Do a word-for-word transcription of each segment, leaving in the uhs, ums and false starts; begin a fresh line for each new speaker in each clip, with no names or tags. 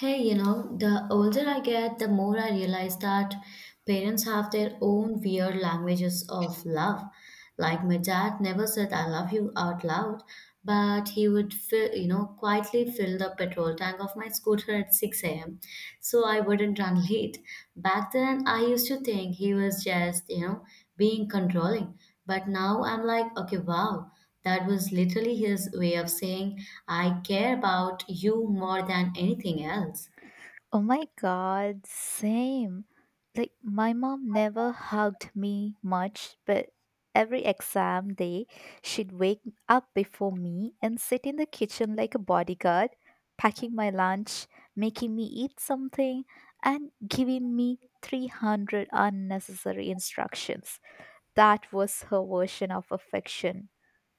Hey, you know, the older I get, the more I realize that parents have their own weird languages of love. Like my dad never said I love you out loud, but he would fill, you know, quietly fill the petrol tank of my scooter at six a m so I wouldn't run late. Back then, I used to think he was just, you know, being controlling, but now I'm like, okay, wow. That was literally his way of saying, I care about you more than anything else.
Oh my god, same. Like, my mom never hugged me much, but every exam day, she'd wake up before me and sit in the kitchen like a bodyguard, packing my lunch, making me eat something, and giving me three hundred unnecessary instructions. That was her version of affection.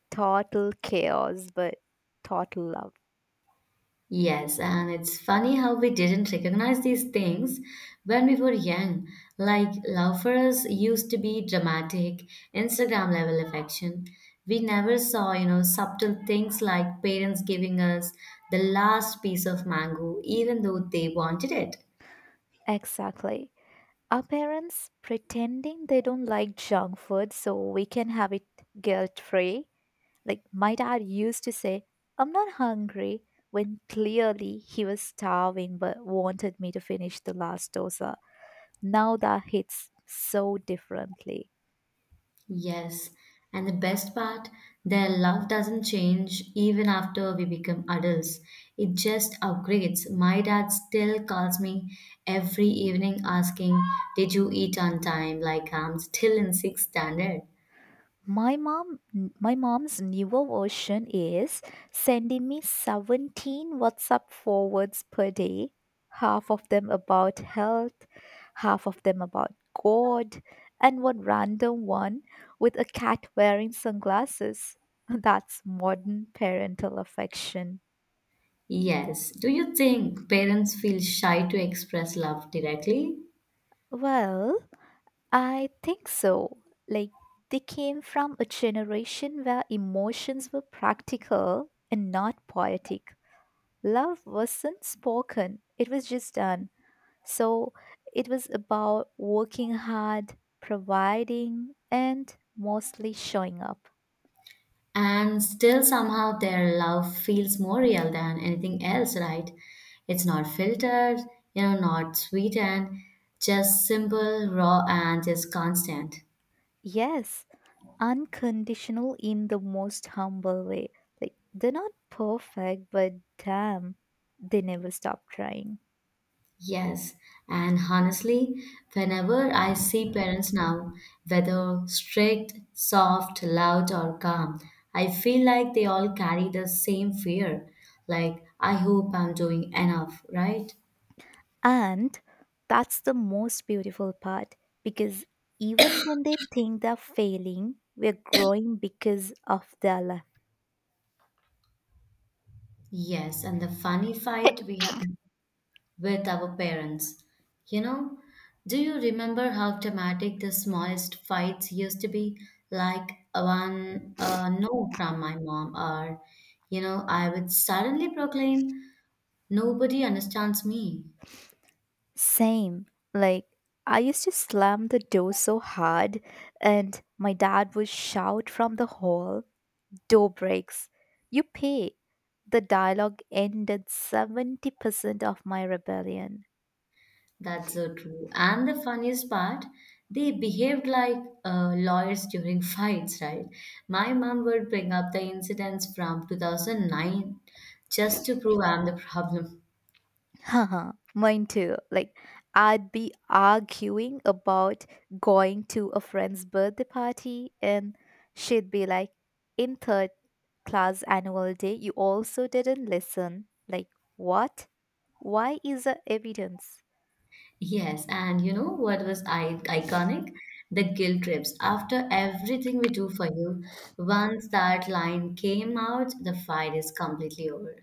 Total chaos, but total love.
Yes, and it's funny how we didn't recognize these things when we were young. Like, love for us used to be dramatic, Instagram level affection. We never saw, you know, subtle things like parents giving us the last piece of mango, even though they wanted it.
Exactly. Our parents pretending they don't like junk food so we can have it guilt free. Like my dad used to say, I'm not hungry, when clearly he was starving but wanted me to finish the last dosa. Now that hits so differently.
Yes, and the best part, their love doesn't change even after we become adults. It just upgrades. My dad still calls me every evening asking, did you eat on time? Like I'm still in sixth standard.
My mom, my mom's newer version is sending me seventeen WhatsApp forwards per day, half of them about health, half of them about God, and one random one with a cat wearing sunglasses. That's modern parental affection.
Yes. Do you think parents feel shy to express love directly?
Well, I think so. Like, they came from a generation where emotions were practical and not poetic. Love wasn't spoken, it was just done. So it was about working hard, providing, and mostly showing up.
And still somehow their love feels more real than anything else, right? It's not filtered, you know not sweetened, just simple, raw, and just constant.
Yes, unconditional in the most humble way. Like, they're not perfect, but damn, they never stop trying.
Yes, and honestly, whenever I see parents now, whether strict, soft, loud, or calm, I feel like they all carry the same fear. Like, I hope I'm doing enough, right?
And that's the most beautiful part because even when they think they're failing, we're growing because of their
Yes, and the funny fight we have with our parents. You know, do you remember how dramatic the smallest fights used to be? Like one uh, no from my mom, or, you know, I would suddenly proclaim, nobody understands me.
Same. Like, I used to slam the door so hard, and my dad would shout from the hall, Door breaks. You pay. The dialogue ended seventy percent of my rebellion.
That's so true. And the funniest part, they behaved like uh, lawyers during fights, right? My mom would bring up the incidents from two thousand nine just to prove I'm the problem.
Haha, mine too. Like, I'd be arguing about going to a friend's birthday party, and she'd be like, In third class annual day, you also didn't listen. Like, what? Why is there evidence?
Yes, and you know what was I iconic? The guilt trips. After everything we do for you, once that line came out, the fight is completely over.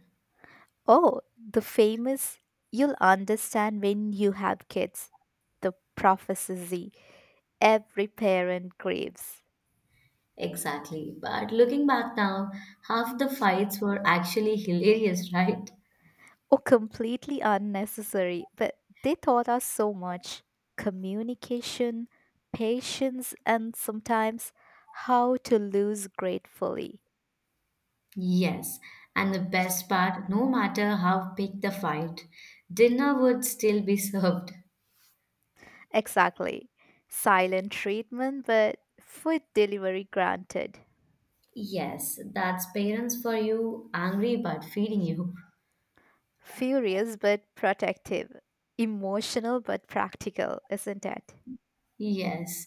Oh, the famous, you'll understand when you have kids. The prophecy every parent craves.
Exactly. But looking back now, half the fights were actually hilarious, right?
Oh, completely unnecessary, but they taught us so much communication, patience, and sometimes how to lose gratefully.
Yes, and the best part, no matter how big the fight, dinner would still be served.
Exactly. Silent treatment, but food delivery granted.
Yes, that's parents for you, angry but feeding you.
Furious, but protective. Emotional, but practical, isn't it?
Yes.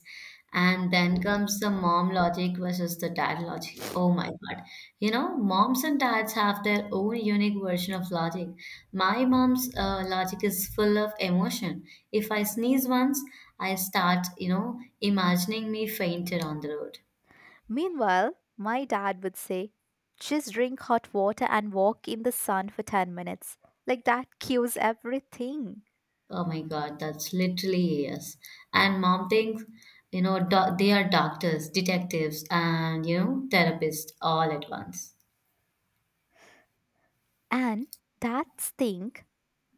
And then comes the mom logic versus the dad logic. Oh my God. You know, moms and dads have their own unique version of logic. My mom's uh, logic is full of emotion. If I sneeze once, I start, you know, imagining me fainted on the road.
Meanwhile, my dad would say, just drink hot water and walk in the sun for ten minutes. Like that cures everything.
Oh my God, that's literally yes. And mom thinks, you know, doc they are doctors, detectives, and, you know, therapists all at once.
And dads think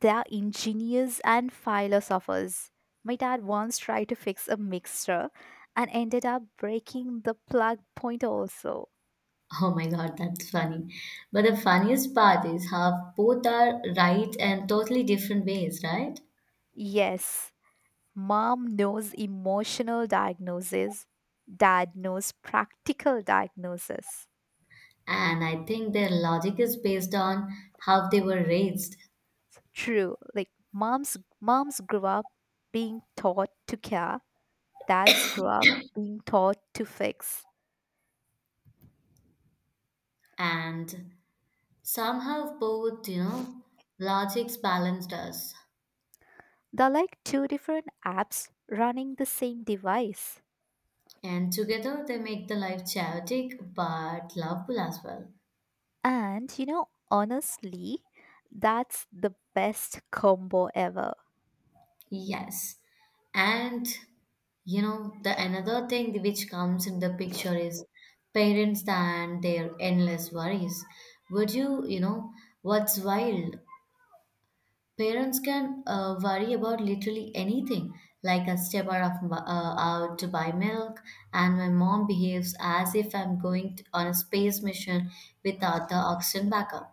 they are engineers and philosophers. My dad once tried to fix a mixer and ended up breaking the plug point also.
Oh my god, that's funny. But the funniest part is how both are right and totally different ways, right?
Yes, mom knows emotional diagnosis, dad knows practical diagnosis.
And I think their logic is based on how they were raised.
True. Like moms moms grew up being taught to care, dads grew up being taught to fix.
And somehow both, you know, logics balanced us.
They're like two different apps running the same device.
And together they make the life chaotic but lovable as well.
And you know, honestly, that's the best combo ever.
Yes. And you know, the another thing which comes in the picture is parents and their endless worries. Would you, you know, what's wild? Parents can uh, worry about literally anything, like a stepper of m- uh, out to buy milk, and my mom behaves as if I'm going t- on a space mission without the oxygen backup.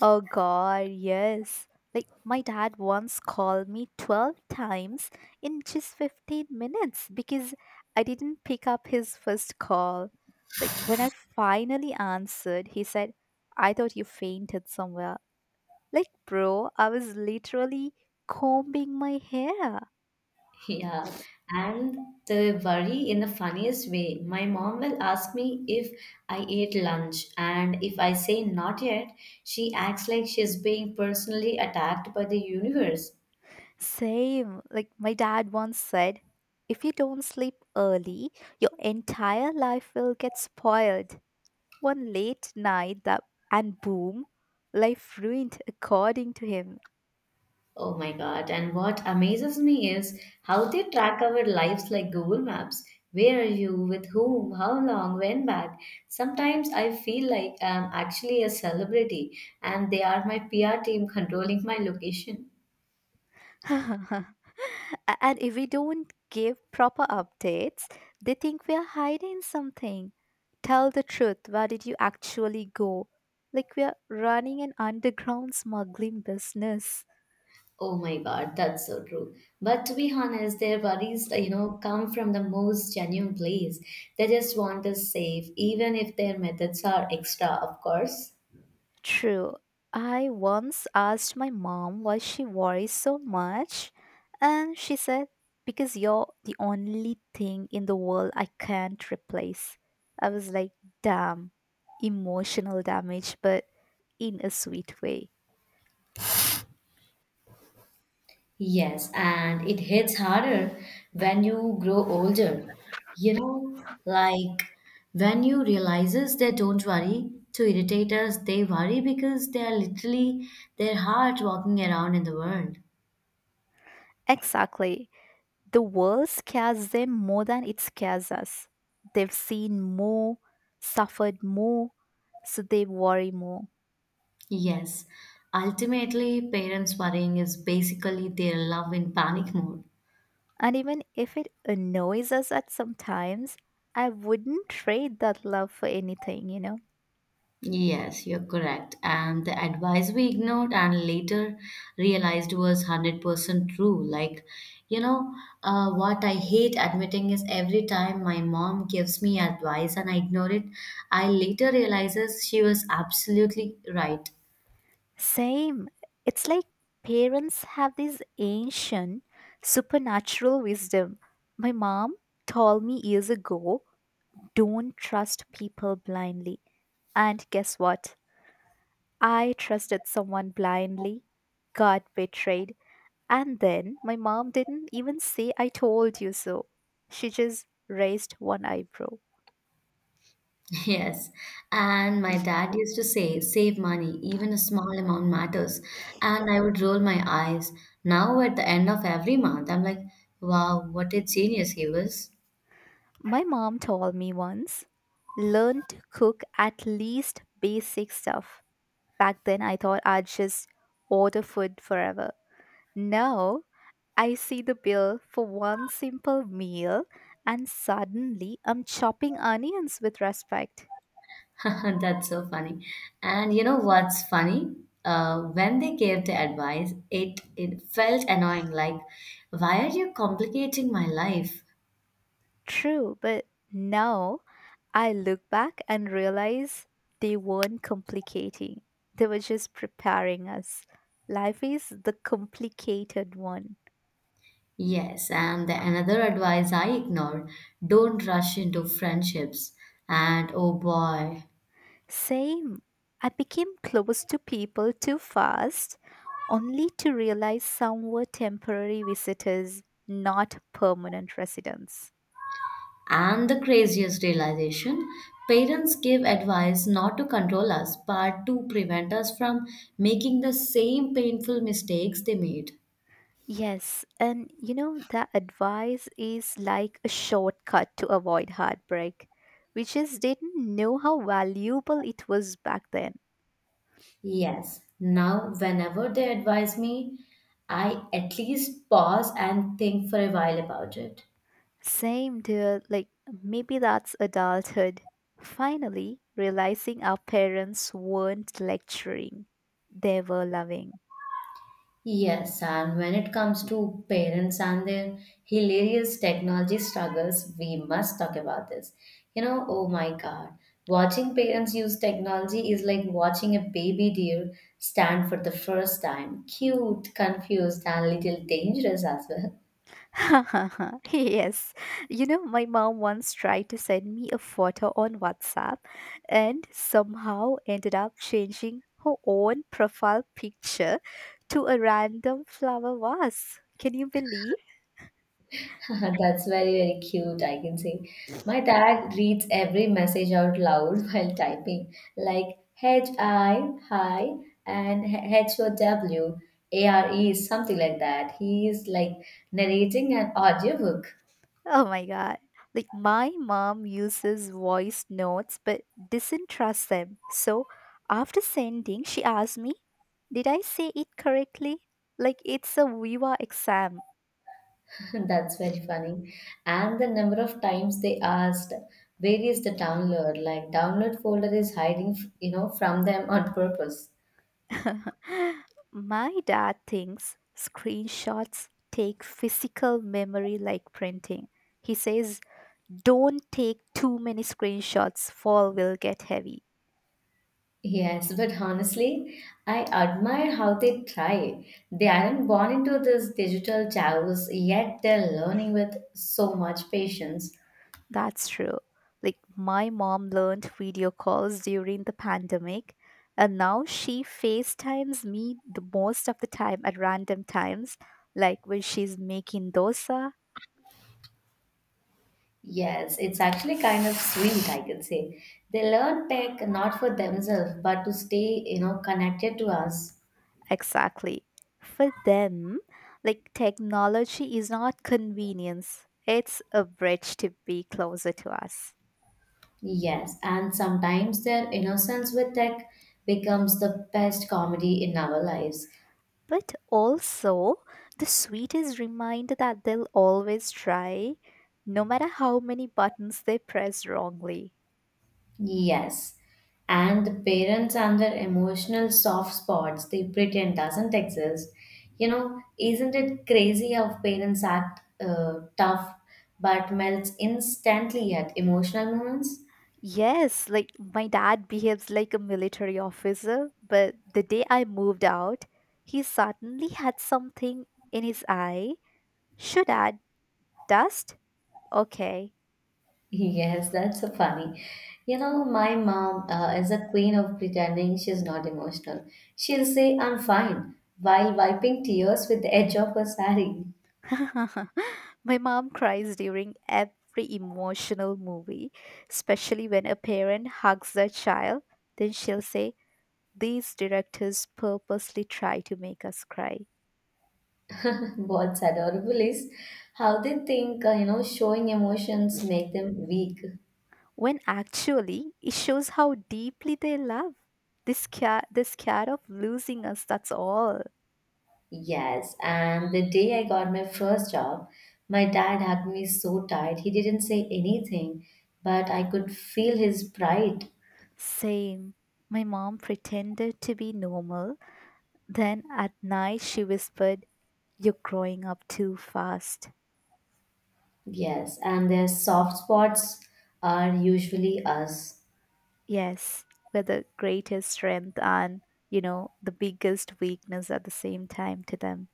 Oh god, yes. Like my dad once called me twelve times in just fifteen minutes because I didn't pick up his first call. Like when I finally answered, he said, "I thought you fainted somewhere." Like bro, I was literally combing my hair.
Yeah, and the worry in the funniest way. My mom will ask me if I ate lunch, and if I say not yet, she acts like she's being personally attacked by the universe.
Same. Like my dad once said, "If you don't sleep early, your entire life will get spoiled." One late night that and boom, life ruined according to him.
Oh my God. And what amazes me is how they track our lives like Google Maps. Where are you? With whom? How long? When back? Sometimes I feel like I'm actually a celebrity and they are my P R team controlling my location.
and if we don't give proper updates, they think we are hiding something. Tell the truth, where did you actually go? Like we are running an underground smuggling business.
Oh my God, that's so true. But to be honest, their worries, uh, you know, come from the most genuine place. They just want us safe, even if their methods are extra, of course.
True. I once asked my mom why she worries so much, and she said, Because you're the only thing in the world I can't replace. I was like, Damn, emotional damage, but in a sweet way.
Yes, and it hits harder when you grow older. You know, like when you realizes they don't worry to irritate us, they worry because they are literally their heart walking around in the world.
Exactly. The world scares them more than it scares us. They've seen more, suffered more, so they worry more.
Yes, ultimately, parents worrying is basically their love in panic mode.
And even if it annoys us at some times, I wouldn't trade that love for anything, you know?
Yes, you're correct. And the advice we ignored and later realized was a hundred percent true. Like, you know, uh, what I hate admitting is every time my mom gives me advice and I ignore it, I later realizes she was absolutely right.
Same. It's like parents have this ancient supernatural wisdom. My mom told me years ago don't trust people blindly. And guess what? I trusted someone blindly, got betrayed, and then my mom didn't even say I told you so. She just raised one eyebrow.
Yes, and my dad used to say, save money, even a small amount matters. And I would roll my eyes. Now, at the end of every month, I'm like, wow, what a genius he was.
My mom told me once, learn to cook at least basic stuff. Back then, I thought I'd just order food forever. Now, I see the bill for one simple meal, and suddenly I'm chopping onions with respect.
That's so funny. And you know what's funny? Uh, when they gave the advice, it, it felt annoying, like, why are you complicating my life?
True, but now I look back and realize they weren't complicating, they were just preparing us. Life is the complicated one.
Yes, and the another advice I ignored, don't rush into friendships. And oh boy,
Same. I became close to people too fast, only to realize some were temporary visitors, not permanent residents.
and the craziest realization parents give advice not to control us, but to prevent us from making the same painful mistakes they made.
Yes, and you know, the advice is like a shortcut to avoid heartbreak. We just didn't know how valuable it was back then.
Yes. Now, whenever they advise me, I at least pause and think for a while about it.
Same, dear, like maybe that's adulthood. Finally, realizing our parents weren't lecturing, they were loving.
Yes, and when it comes to parents and their hilarious technology struggles, we must talk about this. You know, oh my God, watching parents use technology is like watching a baby deer stand for the first time. Cute, confused, and little dangerous as well.
yes. You know, my mom once tried to send me a photo on WhatsApp and somehow ended up changing her own profile picture to a random flower vase. Can you believe?
That's very, very cute, I can see. My dad reads every message out loud while typing, like H I, hi, and H O W, A R E, something like that. He is like narrating an audiobook.
Oh my god. Like my mom uses voice notes but doesn't trust them. So after sending, she asked me, Did I say it correctly? Like it's a Viva exam.
That's very funny. And the number of times they asked, where is the download? Like, download folder is hiding, you know, from them on purpose.
My dad thinks screenshots take physical memory like printing. He says, don't take too many screenshots, fall will get heavy.
Yes, but honestly, I admire how they try. They aren't born into this digital chaos, yet they're learning with so much patience.
That's true. Like, my mom learned video calls during the pandemic, and now she FaceTimes me the most of the time at random times, like when she's making dosa
Yes, it's actually kind of sweet, I could say. They learn tech not for themselves, but to stay, you know, connected to us.
Exactly. For them, like technology is not convenience, it's a bridge to be closer to us.
Yes, and sometimes their innocence with tech becomes the best comedy in our lives.
But also, the sweetest reminder that they'll always try, no matter how many buttons they press wrongly.
Yes. And the parents and their emotional soft spots they pretend doesn't exist. You know, isn't it crazy how parents act uh, tough but melts instantly at emotional moments?
Yes, like my dad behaves like a military officer, but the day I moved out, he suddenly had something in his eye. Should add dust? Okay.
Yes, that's so funny. You know, my mom uh, is a queen of pretending she's not emotional. She'll say, I'm fine, while wiping tears with the edge of her sari.
My mom cries during every emotional movie, especially when a parent hugs their child. Then she'll say, These directors purposely try to make us cry.
What's adorable is how they think, uh, you know, showing emotions make them weak.
When actually, it shows how deeply they love. They're scared, they're scared of losing us, that's all.
Yes, and the day I got my first job, my dad hugged me so tight. He didn't say anything, but I could feel his pride.
Same. My mom pretended to be normal. Then at night, she whispered, You're growing up too fast.
Yes, and their soft spots are usually us.
Yes, with the greatest strength and, you know, the biggest weakness at the same time to them.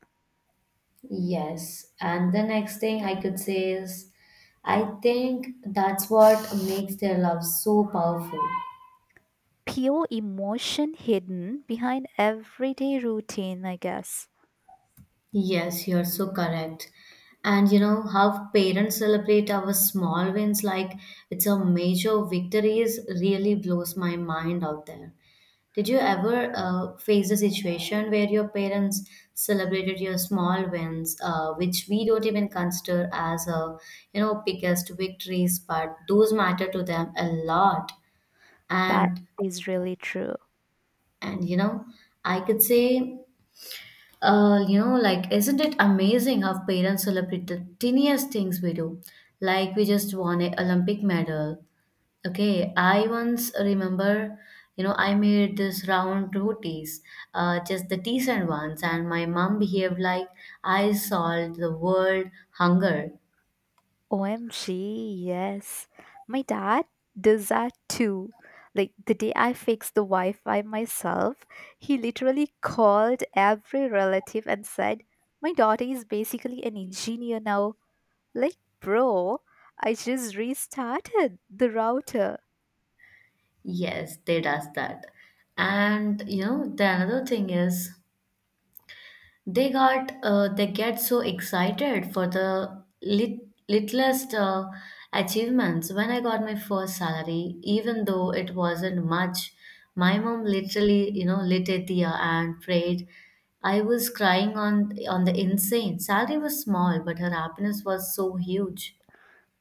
Yes, and the next thing I could say is, I think that's what makes their love so powerful.
Pure emotion hidden behind everyday routine, I guess.
Yes, you're so correct. And you know how parents celebrate our small wins like it's a major victory is really blows my mind out there. Did you ever uh, face a situation where your parents celebrated your small wins, uh, which we don't even consider as a you know biggest victories, but those matter to them a lot.
That
And
is really true.
and you know I could say. Uh, you know, like, isn't it amazing how parents celebrate the tiniest things we do? Like, we just won an Olympic medal. Okay, I once remember, you know, I made this round rotis, uh, just the decent ones, and my mom behaved like I solved the world hunger.
O M G, yes. My dad does that too. Like the day I fixed the Wi Fi myself, he literally called every relative and said, My daughter is basically an engineer now. Like, bro, I just restarted the router.
Yes, they does that. And you know, the another thing is they got uh, they get so excited for the lit- littlest uh, achievements. When I got my first salary, even though it wasn't much, my mom literally, you know lit a diya and prayed. I was crying on on the insane. Salary was small, but her happiness was so huge.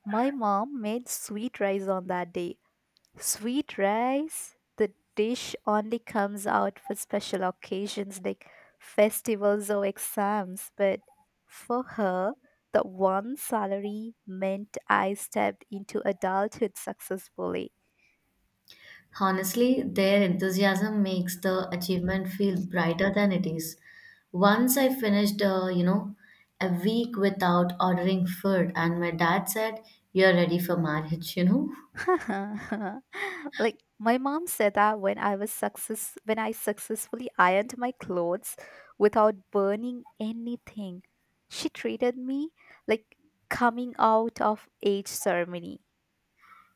My mom made sweet rice on that day. Sweet rice? The dish only comes out for special occasions like festivals or exams, but for her, the one salary meant I stepped into adulthood successfully.
Honestly, their enthusiasm makes the achievement feel brighter than it is. Once I finished, uh, you know, a week without ordering food, and my dad said, you're ready for marriage, you know?
like my mom said that when I was success when I successfully ironed my clothes without burning anything, she treated me like coming out of age ceremony.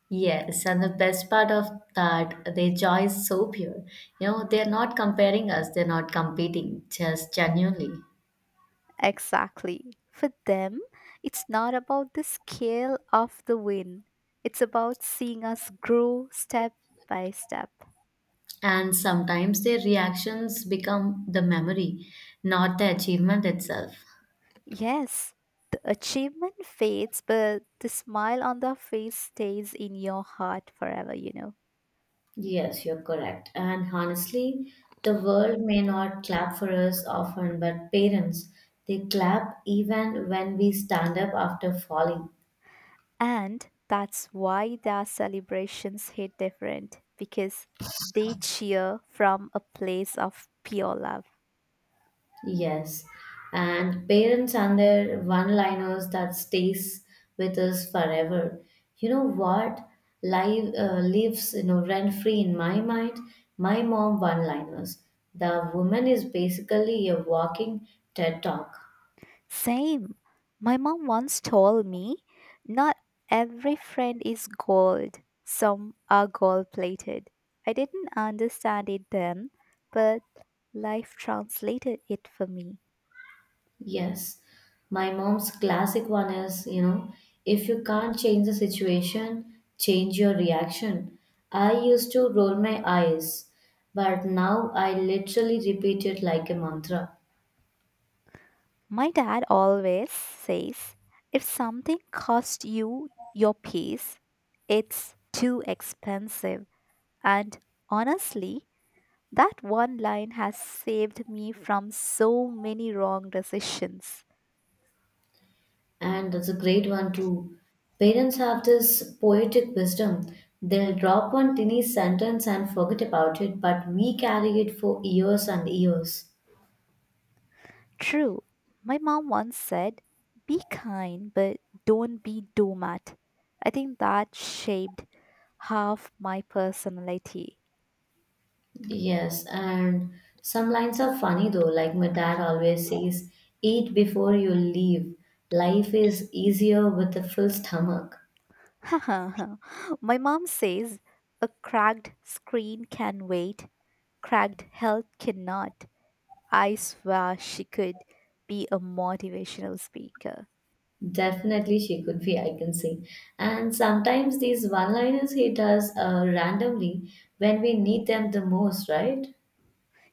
Yes, and the best part of that, their joy is so pure. You know, they're not comparing us, they're not competing, just genuinely.
Exactly. For them, it's not about the scale of the win. It's about seeing us grow step by step.
And sometimes their reactions become the memory, not the achievement itself.
Yes, the achievement fades, but the smile on the face stays in your heart forever, you know.
Yes, you're correct. And honestly, the world may not clap for us often, but parents, they clap even when we stand up after falling.
And that's why their celebrations hit different because they cheer from a place of pure love.
Yes. And parents and their one-liners that stays with us forever. You know what? Live uh, lives you know rent-free in my mind. My mom one-liners. The woman is basically a walking TED talk.
Same. My mom once told me not every friend is gold, some are gold plated. I didn't understand it then, but life translated it for me.
Yes, my mom's classic one is, you know, if you can't change the situation, change your reaction. I used to roll my eyes, but now I literally repeat it like a mantra.
My dad always says if something costs you your peace, it's too expensive. And honestly, that one line has saved me from so many wrong decisions.
And that's a great one too. Parents have this poetic wisdom. They'll drop one tiny sentence and forget about it, but we carry it for years and years.
True, my mom once said, be kind, but don't be doormat. I think that shaped half my personality.
Yes, and some lines are funny though. Like my dad always says, eat before you leave. Life is easier with a full stomach.
my mom says a cracked screen can wait, cracked health cannot. I swear she could be a motivational speaker.
Definitely, she could be, I can see. And sometimes these one liners hit us uh, randomly when we need them the most, right?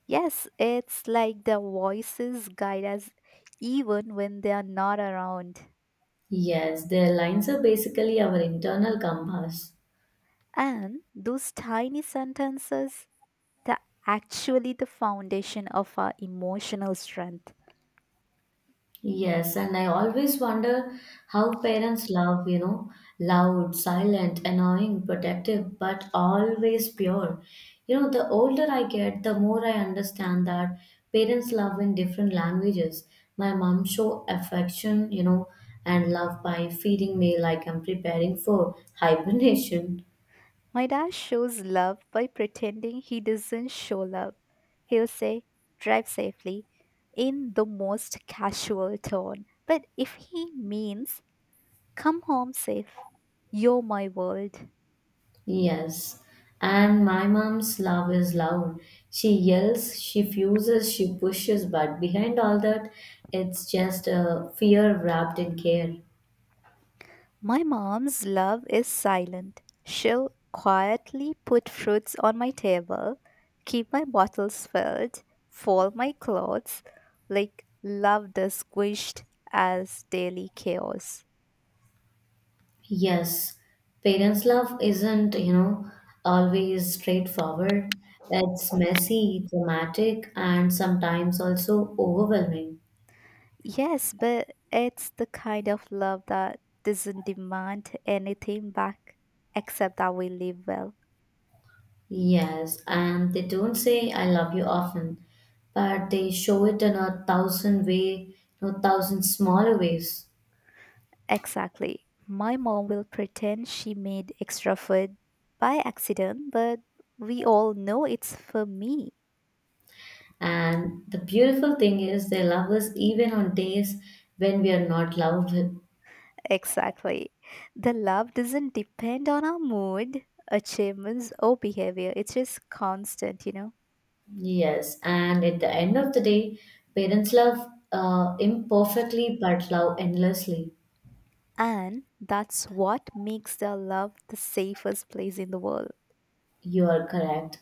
Yes, it's like the voices guide us even when they are not around.
Yes, their lines are basically our internal compass.
And those tiny sentences that actually the foundation of our emotional strength.
Yes, and I always wonder how parents love, you know, loud, silent, annoying, protective, but always pure. You know, the older I get, the more I understand that parents love in different languages. My mom show affection, you know, and love by feeding me like I'm preparing for hibernation.
My dad shows love by pretending he doesn't show love. He'll say, drive safely, in the most casual tone. But if he means Come home safe. You're my world.
Yes. And my mom's love is loud. She yells, she fuses, she pushes, but behind all that, it's just a fear wrapped in care.
My mom's love is silent. She'll quietly put fruits on my table, keep my bottles filled, fold my clothes, like love does squished as daily chaos.
Yes, parents' love isn't, you know, always straightforward. It's messy, dramatic, and sometimes also overwhelming.
Yes, but it's the kind of love that doesn't demand anything back except that we live well.
Yes, and they don't say I love you often, but they show it in a thousand way, you know, thousand smaller ways.
Exactly. My mom will pretend she made extra food by accident, but we all know it's for me.
And the beautiful thing is, they love us even on days when we are not loved.
Exactly. The love doesn't depend on our mood, achievements, or behavior. It's just constant, you know?
Yes, and at the end of the day, parents love uh, imperfectly but love endlessly.
And that's what makes the love the safest place in the world.
You are correct.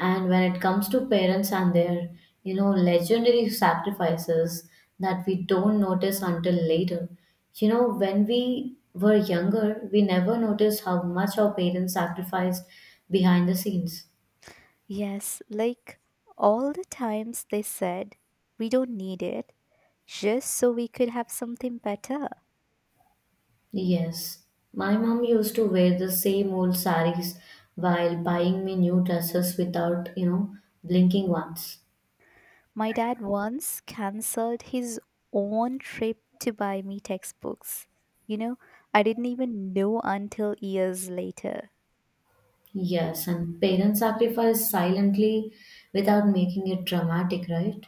And when it comes to parents and their, you know, legendary sacrifices that we don't notice until later, you know, when we were younger, we never noticed how much our parents sacrificed behind the scenes.
Yes, like all the times they said, we don't need it, just so we could have something better.
Yes, my mom used to wear the same old saris while buying me new dresses without, you know, blinking once.
My dad once cancelled his own trip to buy me textbooks. You know, I didn't even know until years later.
Yes, and parents sacrifice silently without making it dramatic, right?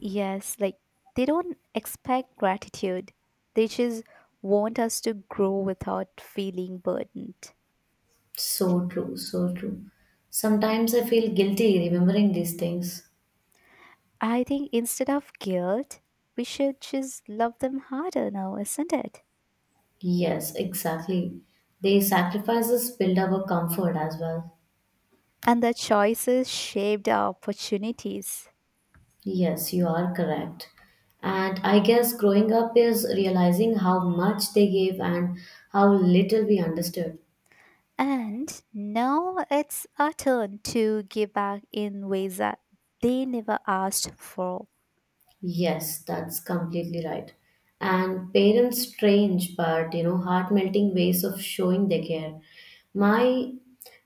Yes, like they don't expect gratitude, they just want us to grow without feeling burdened.
So true, so true. Sometimes I feel guilty remembering these things.
I think instead of guilt, we should just love them harder now, isn't it?
Yes, exactly. They sacrifices build our comfort as well.
And their choices shaped our opportunities.
Yes, you are correct. And I guess growing up is realizing how much they gave and how little we understood.
And now it's our turn to give back in ways that they never asked for.
Yes, that's completely right. And parents' strange but you know heart-melting ways of showing their care. My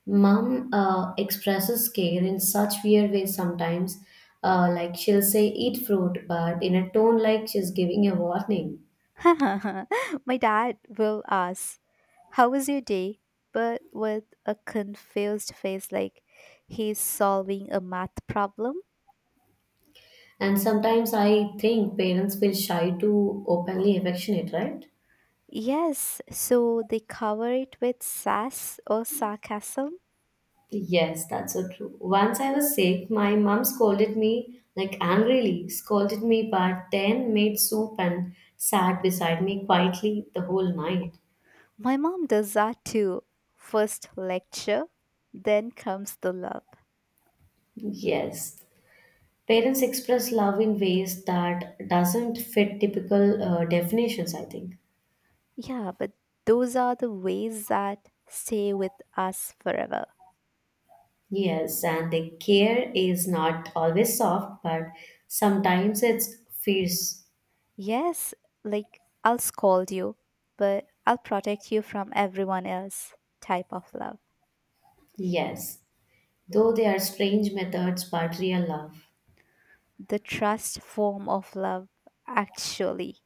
mom uh, expresses care in such weird ways sometimes. Uh, like she'll say, "Eat fruit," but in a tone like she's giving a warning.
My dad will ask, How was your day? But with a confused face, like he's solving a math problem.
And sometimes I think parents feel shy to openly affectionate, right?
Yes, so they cover it with sass or sarcasm.
Yes, that's so true. Once I was sick, my mom scolded me, like angrily, scolded me, but then made soup and sat beside me quietly the whole night.
My mom does that too. First lecture, then comes the love.
Yes, parents express love in ways that doesn't fit typical uh, definitions, I think.
Yeah, but those are the ways that stay with us forever.
Yes, and the care is not always soft, but sometimes it's fierce.
Yes, like I'll scold you, but I'll protect you from everyone else type of love.
Yes, though they are strange methods but real love.
The trust form of love, actually.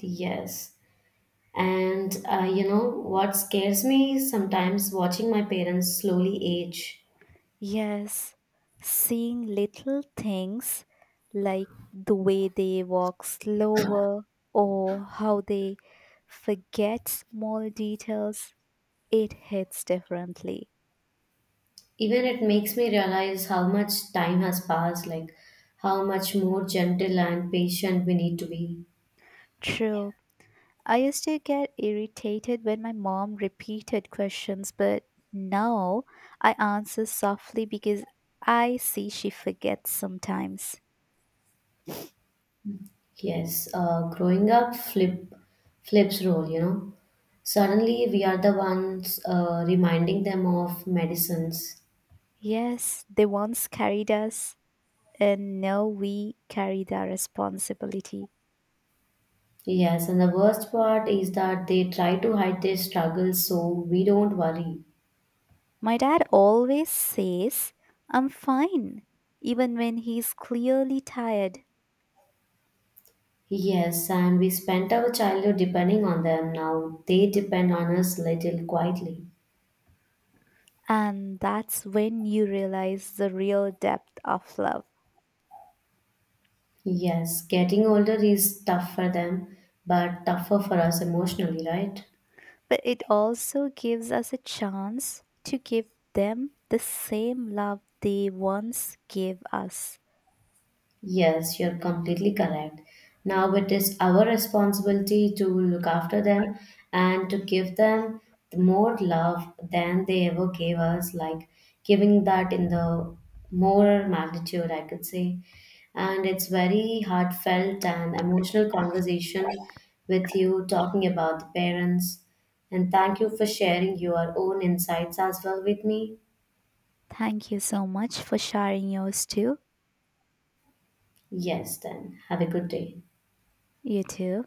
Yes, and uh, you know what scares me sometimes watching my parents slowly age.
Yes, seeing little things like the way they walk slower or how they forget small details, it hits differently.
Even it makes me realize how much time has passed, like how much more gentle and patient we need to be.
True, I used to get irritated when my mom repeated questions, but now I answer softly because I see she forgets sometimes.
Yes, uh, growing up flip flips role, you know, suddenly we are the ones uh, reminding them of medicines.
Yes, they once carried us, and now we carry their responsibility.
Yes, and the worst part is that they try to hide their struggles so we don't worry.
My dad always says, I'm fine, even when he's clearly tired.
Yes, and we spent our childhood depending on them. Now they depend on us little quietly.
And that's when you realize the real depth of love.
Yes, getting older is tough for them, but tougher for us emotionally, right?
But it also gives us a chance to give them the same love they once gave us.
Yes, you're completely correct. Now it is our responsibility to look after them and to give them more love than they ever gave us, like giving that in the more magnitude, I could say. And it's very heartfelt and emotional conversation with you talking about the parents. And thank you for sharing your own insights as well with me.
Thank you so much for sharing yours too.
Yes, then have a good day.
You too.